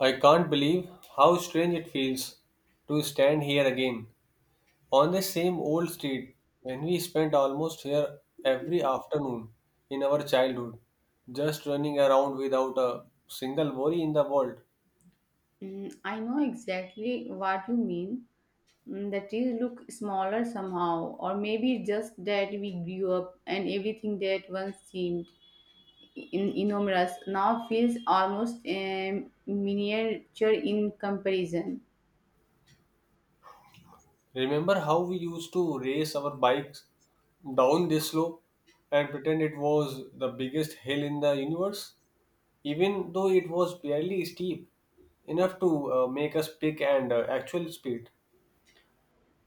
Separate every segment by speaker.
Speaker 1: I can't believe how strange it feels to stand here again on the same old street when we spent almost here every afternoon in our childhood, just running around without a single worry in the world.
Speaker 2: I know exactly what you mean. The trees look smaller somehow, or maybe just that we grew up and everything that once seemed enormous now feels almost miniature in comparison.
Speaker 1: Remember how we used to race our bikes down this slope and pretend it was the biggest hill in the universe, even though it was barely steep enough to make us pick and actual speed.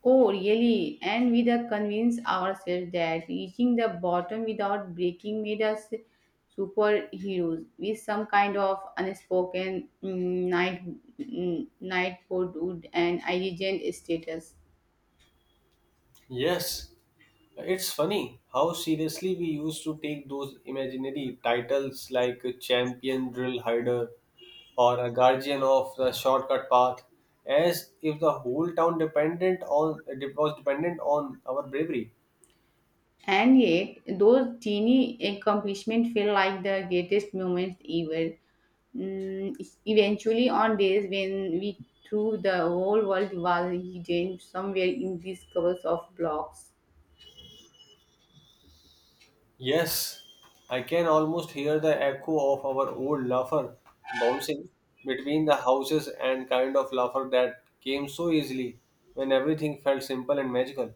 Speaker 2: Oh, really? And we the convince ourselves that reaching the bottom without breaking made us superheroes with some kind of unspoken knight, knighthood and indigent status.
Speaker 1: Yes, it's funny how seriously we used to take those imaginary titles like a champion drill hider or a guardian of the shortcut path as if the whole town dependent on was dependent on our bravery.
Speaker 2: And yet, those teeny accomplishments feel like the greatest moments ever. Eventually, on days when we threw the whole world was hidden somewhere in these covers of blocks.
Speaker 1: Yes, I can almost hear the echo of our old laugher bouncing between the houses and kind of laugher that came so easily when everything felt simple and magical.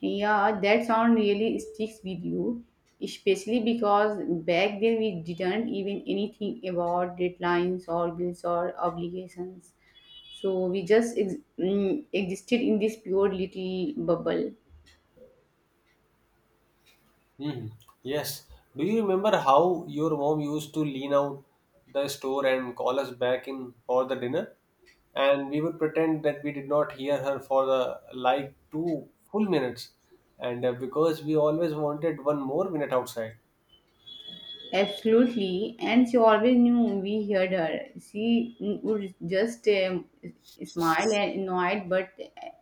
Speaker 2: Yeah, that sound really sticks with you, especially because back then we didn't even anything about deadlines or bills or obligations. So we just existed in this pure little bubble.
Speaker 1: Hmm. Yes. Do you remember how your mom used to lean out the store and call us back in for the dinner? And we would pretend that we did not hear her for the like two full minutes. And Because we always wanted one more minute outside,
Speaker 2: Absolutely, and she always knew we heard her. She would just smile and annoyed but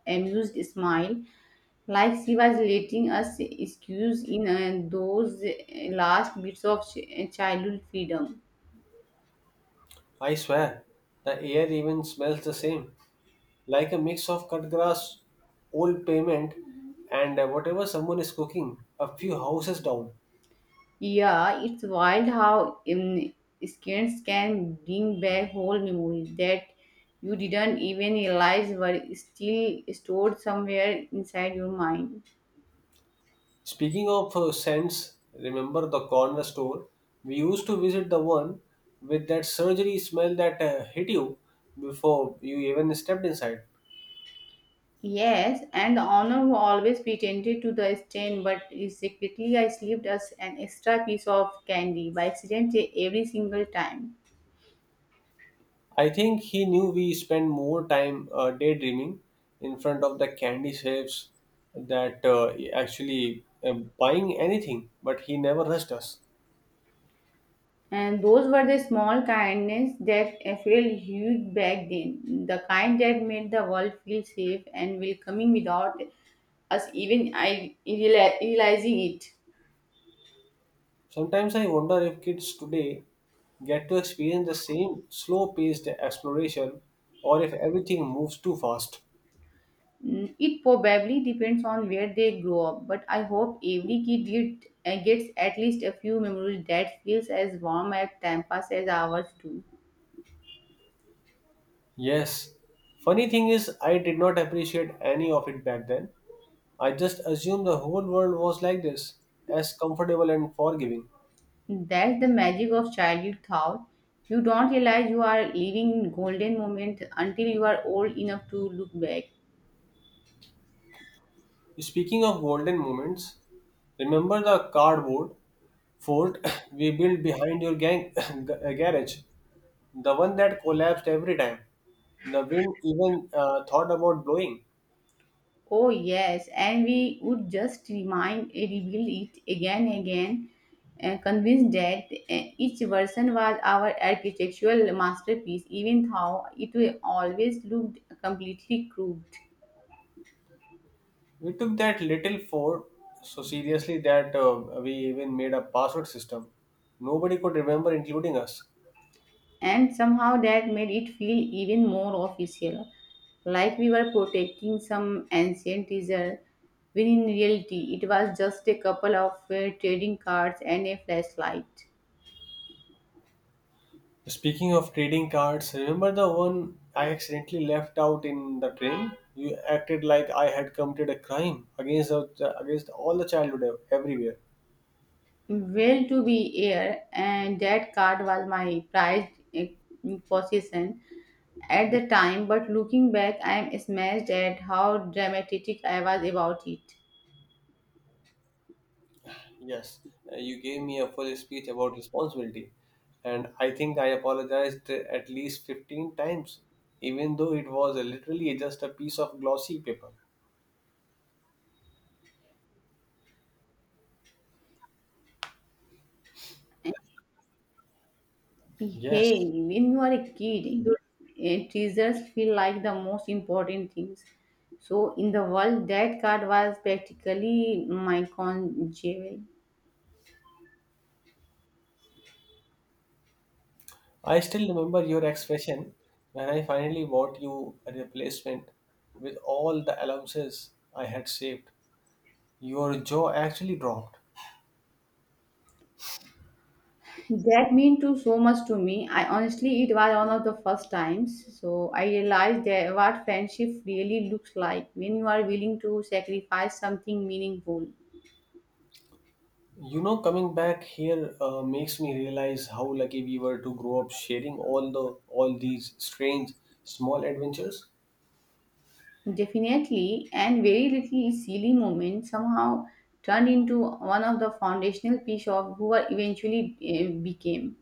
Speaker 2: amused smile like she was letting us squeeze in those last bits of childhood freedom.
Speaker 1: I swear, the air even smells the same, like a mix of cut grass, old pavement, and whatever someone is cooking a few houses down.
Speaker 2: Yeah, it's wild how scans can bring back whole memories that you didn't even realize were still stored somewhere inside your mind.
Speaker 1: Speaking of scents, remember the corner store? We used to visit the one with that surgery smell that hit you before you even stepped inside.
Speaker 2: Yes, and the honor who always pretended to the stain, but secretly I slipped us an extra piece of candy by accident every single time.
Speaker 1: I think he knew we spend more time daydreaming in front of the candy shapes that actually buying anything, but he never rushed us.
Speaker 2: And those were the small kindness that felt huge back then. The kind that made the world feel safe and welcoming without us even realizing it.
Speaker 1: Sometimes I wonder if kids today get to experience the same slow paced exploration or if everything moves too fast.
Speaker 2: It probably depends on where they grow up, but I hope every kid gets at least a few memories that feels as warm at Tampa's as ours do.
Speaker 1: Yes. Funny thing is, I did not appreciate any of it back then. I just assumed the whole world was like this, as comfortable and forgiving.
Speaker 2: That's the magic of childhood thought. You don't realize you are living golden moment until you are old enough to look back.
Speaker 1: Speaking of golden moments, remember the cardboard fort we built behind your gang garage? The one that collapsed every time. The wind even thought about blowing.
Speaker 2: Oh, yes, and we would just reveal it again and again, convinced that each version was our architectural masterpiece, even though it always looked completely crude.
Speaker 1: We took that little fort so seriously that we even made a password system. Nobody could remember, including us.
Speaker 2: And somehow that made it feel even more official, like we were protecting some ancient treasure, when in reality it was just a couple of trading cards and a flashlight.
Speaker 1: Speaking of trading cards, remember the one I accidentally left out in the train? You acted like I had committed a crime against against all the childhood everywhere.
Speaker 2: Well, to be here, and that card was my prized possession at the time. But looking back, I am smashed at how dramatic I was about it.
Speaker 1: Yes, you gave me a full speech about responsibility, and I think I apologized at least 15 times, even though it was literally just a piece of glossy paper. Yes,
Speaker 2: Hey, when you are a kid, your treasures feel like the most important things. So, in the world, that card was practically my con jewel.
Speaker 1: I still remember your expression when I finally bought you a replacement with all the allowances I had saved. Your jaw actually dropped.
Speaker 2: That mean too so much to me. I honestly, it was one of the first times. So I realized that what friendship really looks like when you are willing to sacrifice something meaningful.
Speaker 1: You know, coming back here makes me realize how lucky we were to grow up sharing all these strange small adventures.
Speaker 2: Definitely, and very little silly moment somehow turned into one of the foundational piece of who I eventually became.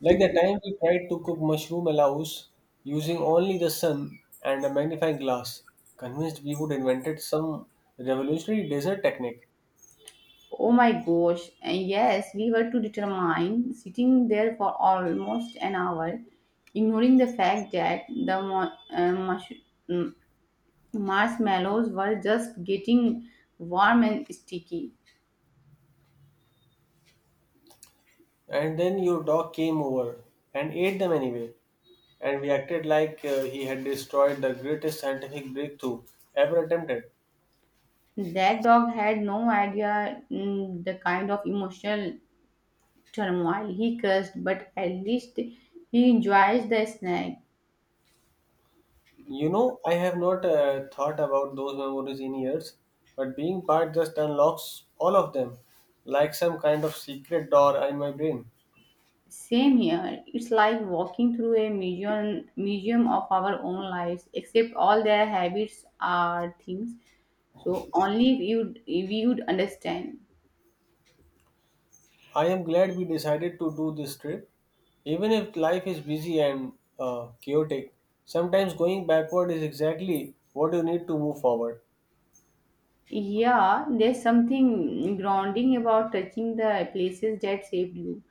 Speaker 1: Like the time we tried to cook mushroom allows using only the sun and a magnifying glass, convinced we would invented some revolutionary dessert technique.
Speaker 2: Oh my gosh! And yes, we were to determine sitting there for almost an hour, ignoring the fact that the Marshmallows were just getting warm and sticky.
Speaker 1: And then your dog came over and ate them anyway, and we acted like he had destroyed the greatest scientific breakthrough ever attempted.
Speaker 2: That dog had no idea the kind of emotional turmoil he caused, but at least he enjoys the snack.
Speaker 1: You know, I have not thought about those memories in years, but being part just unlocks all of them, like some kind of secret door in my brain.
Speaker 2: Same here. It's like walking through a museum, museum of our own lives, except all their habits are things. So only if you would understand.
Speaker 1: I am glad we decided to do this trip. Even if life is busy and chaotic, sometimes going backward is exactly what you need to move forward.
Speaker 2: Yeah, there's something grounding about touching the places that saved you.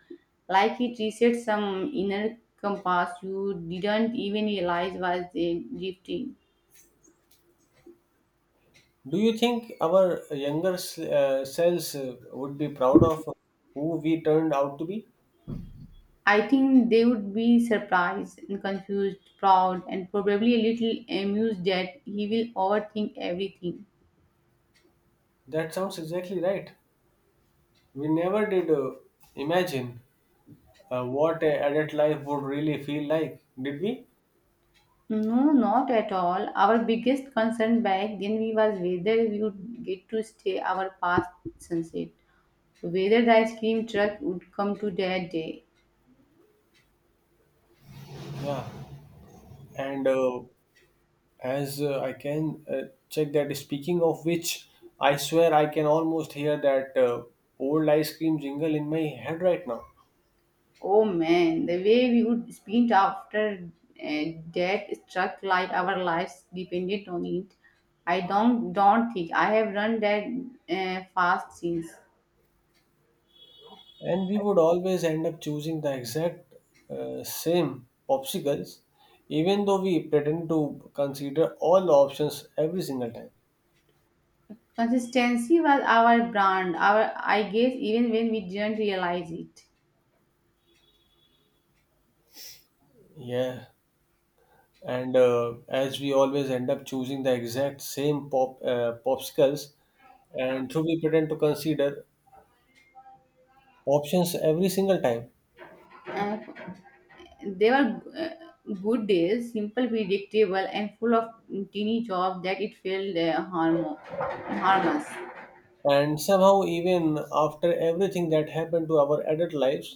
Speaker 2: Like it resets some inner compass you didn't even realize was drifting.
Speaker 1: Do you think our younger selves would be proud of who we turned out to be?
Speaker 2: I think they would be surprised and confused, proud, and probably a little amused that he will overthink everything.
Speaker 1: That sounds exactly right. We never did imagine what a adult life would really feel like did we?
Speaker 2: No, not at all. Our biggest concern back then we was whether we would get to stay our past sunset. Whether the ice cream truck would come to that day.
Speaker 1: Yeah, and as I can check that speaking of which, I swear I can almost hear that old ice cream jingle in my head right now.
Speaker 2: Oh man, the way we would sprint after uh, that truck like our lives depended on it. I don't think I have run that fast since.
Speaker 1: And we would always end up choosing the exact same popsicles, even though we pretend to consider all the options every single time.
Speaker 2: Consistency was our brand. Our I guess even when we didn't realize it.
Speaker 1: Yeah and As we always end up choosing the exact same popsicles, and so we pretend to consider options every single time.
Speaker 2: Uh, they were good days, simple, predictable, and full of teeny jobs that it felt harmless.
Speaker 1: And somehow, even after everything that happened to our adult lives,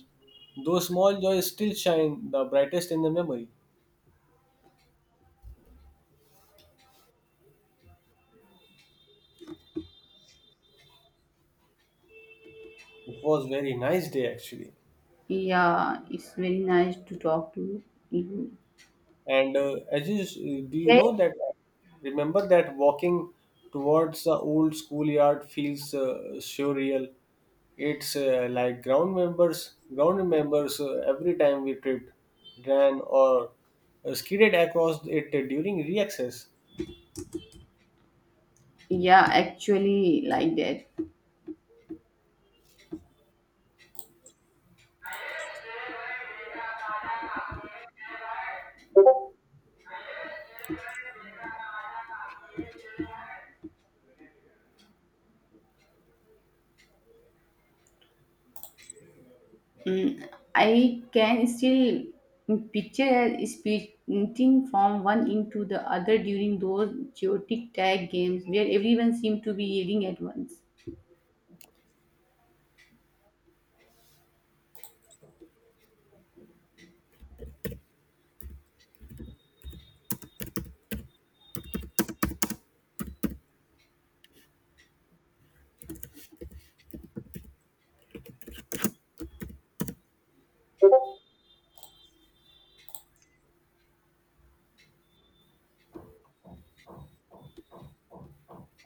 Speaker 1: those small joys still shine the brightest in the memory. It was very nice day, actually.
Speaker 2: Yeah, it's very nice to talk to you.
Speaker 1: And as you s- do you
Speaker 2: Hey.
Speaker 1: know that Remember that walking towards the old schoolyard feels surreal. It's like ground members every time we tripped, ran, or skidded across it during reaccess.
Speaker 2: Yeah, actually, like that. I can still picture sprinting from one end to the other during those chaotic tag games where everyone seemed to be yelling at once.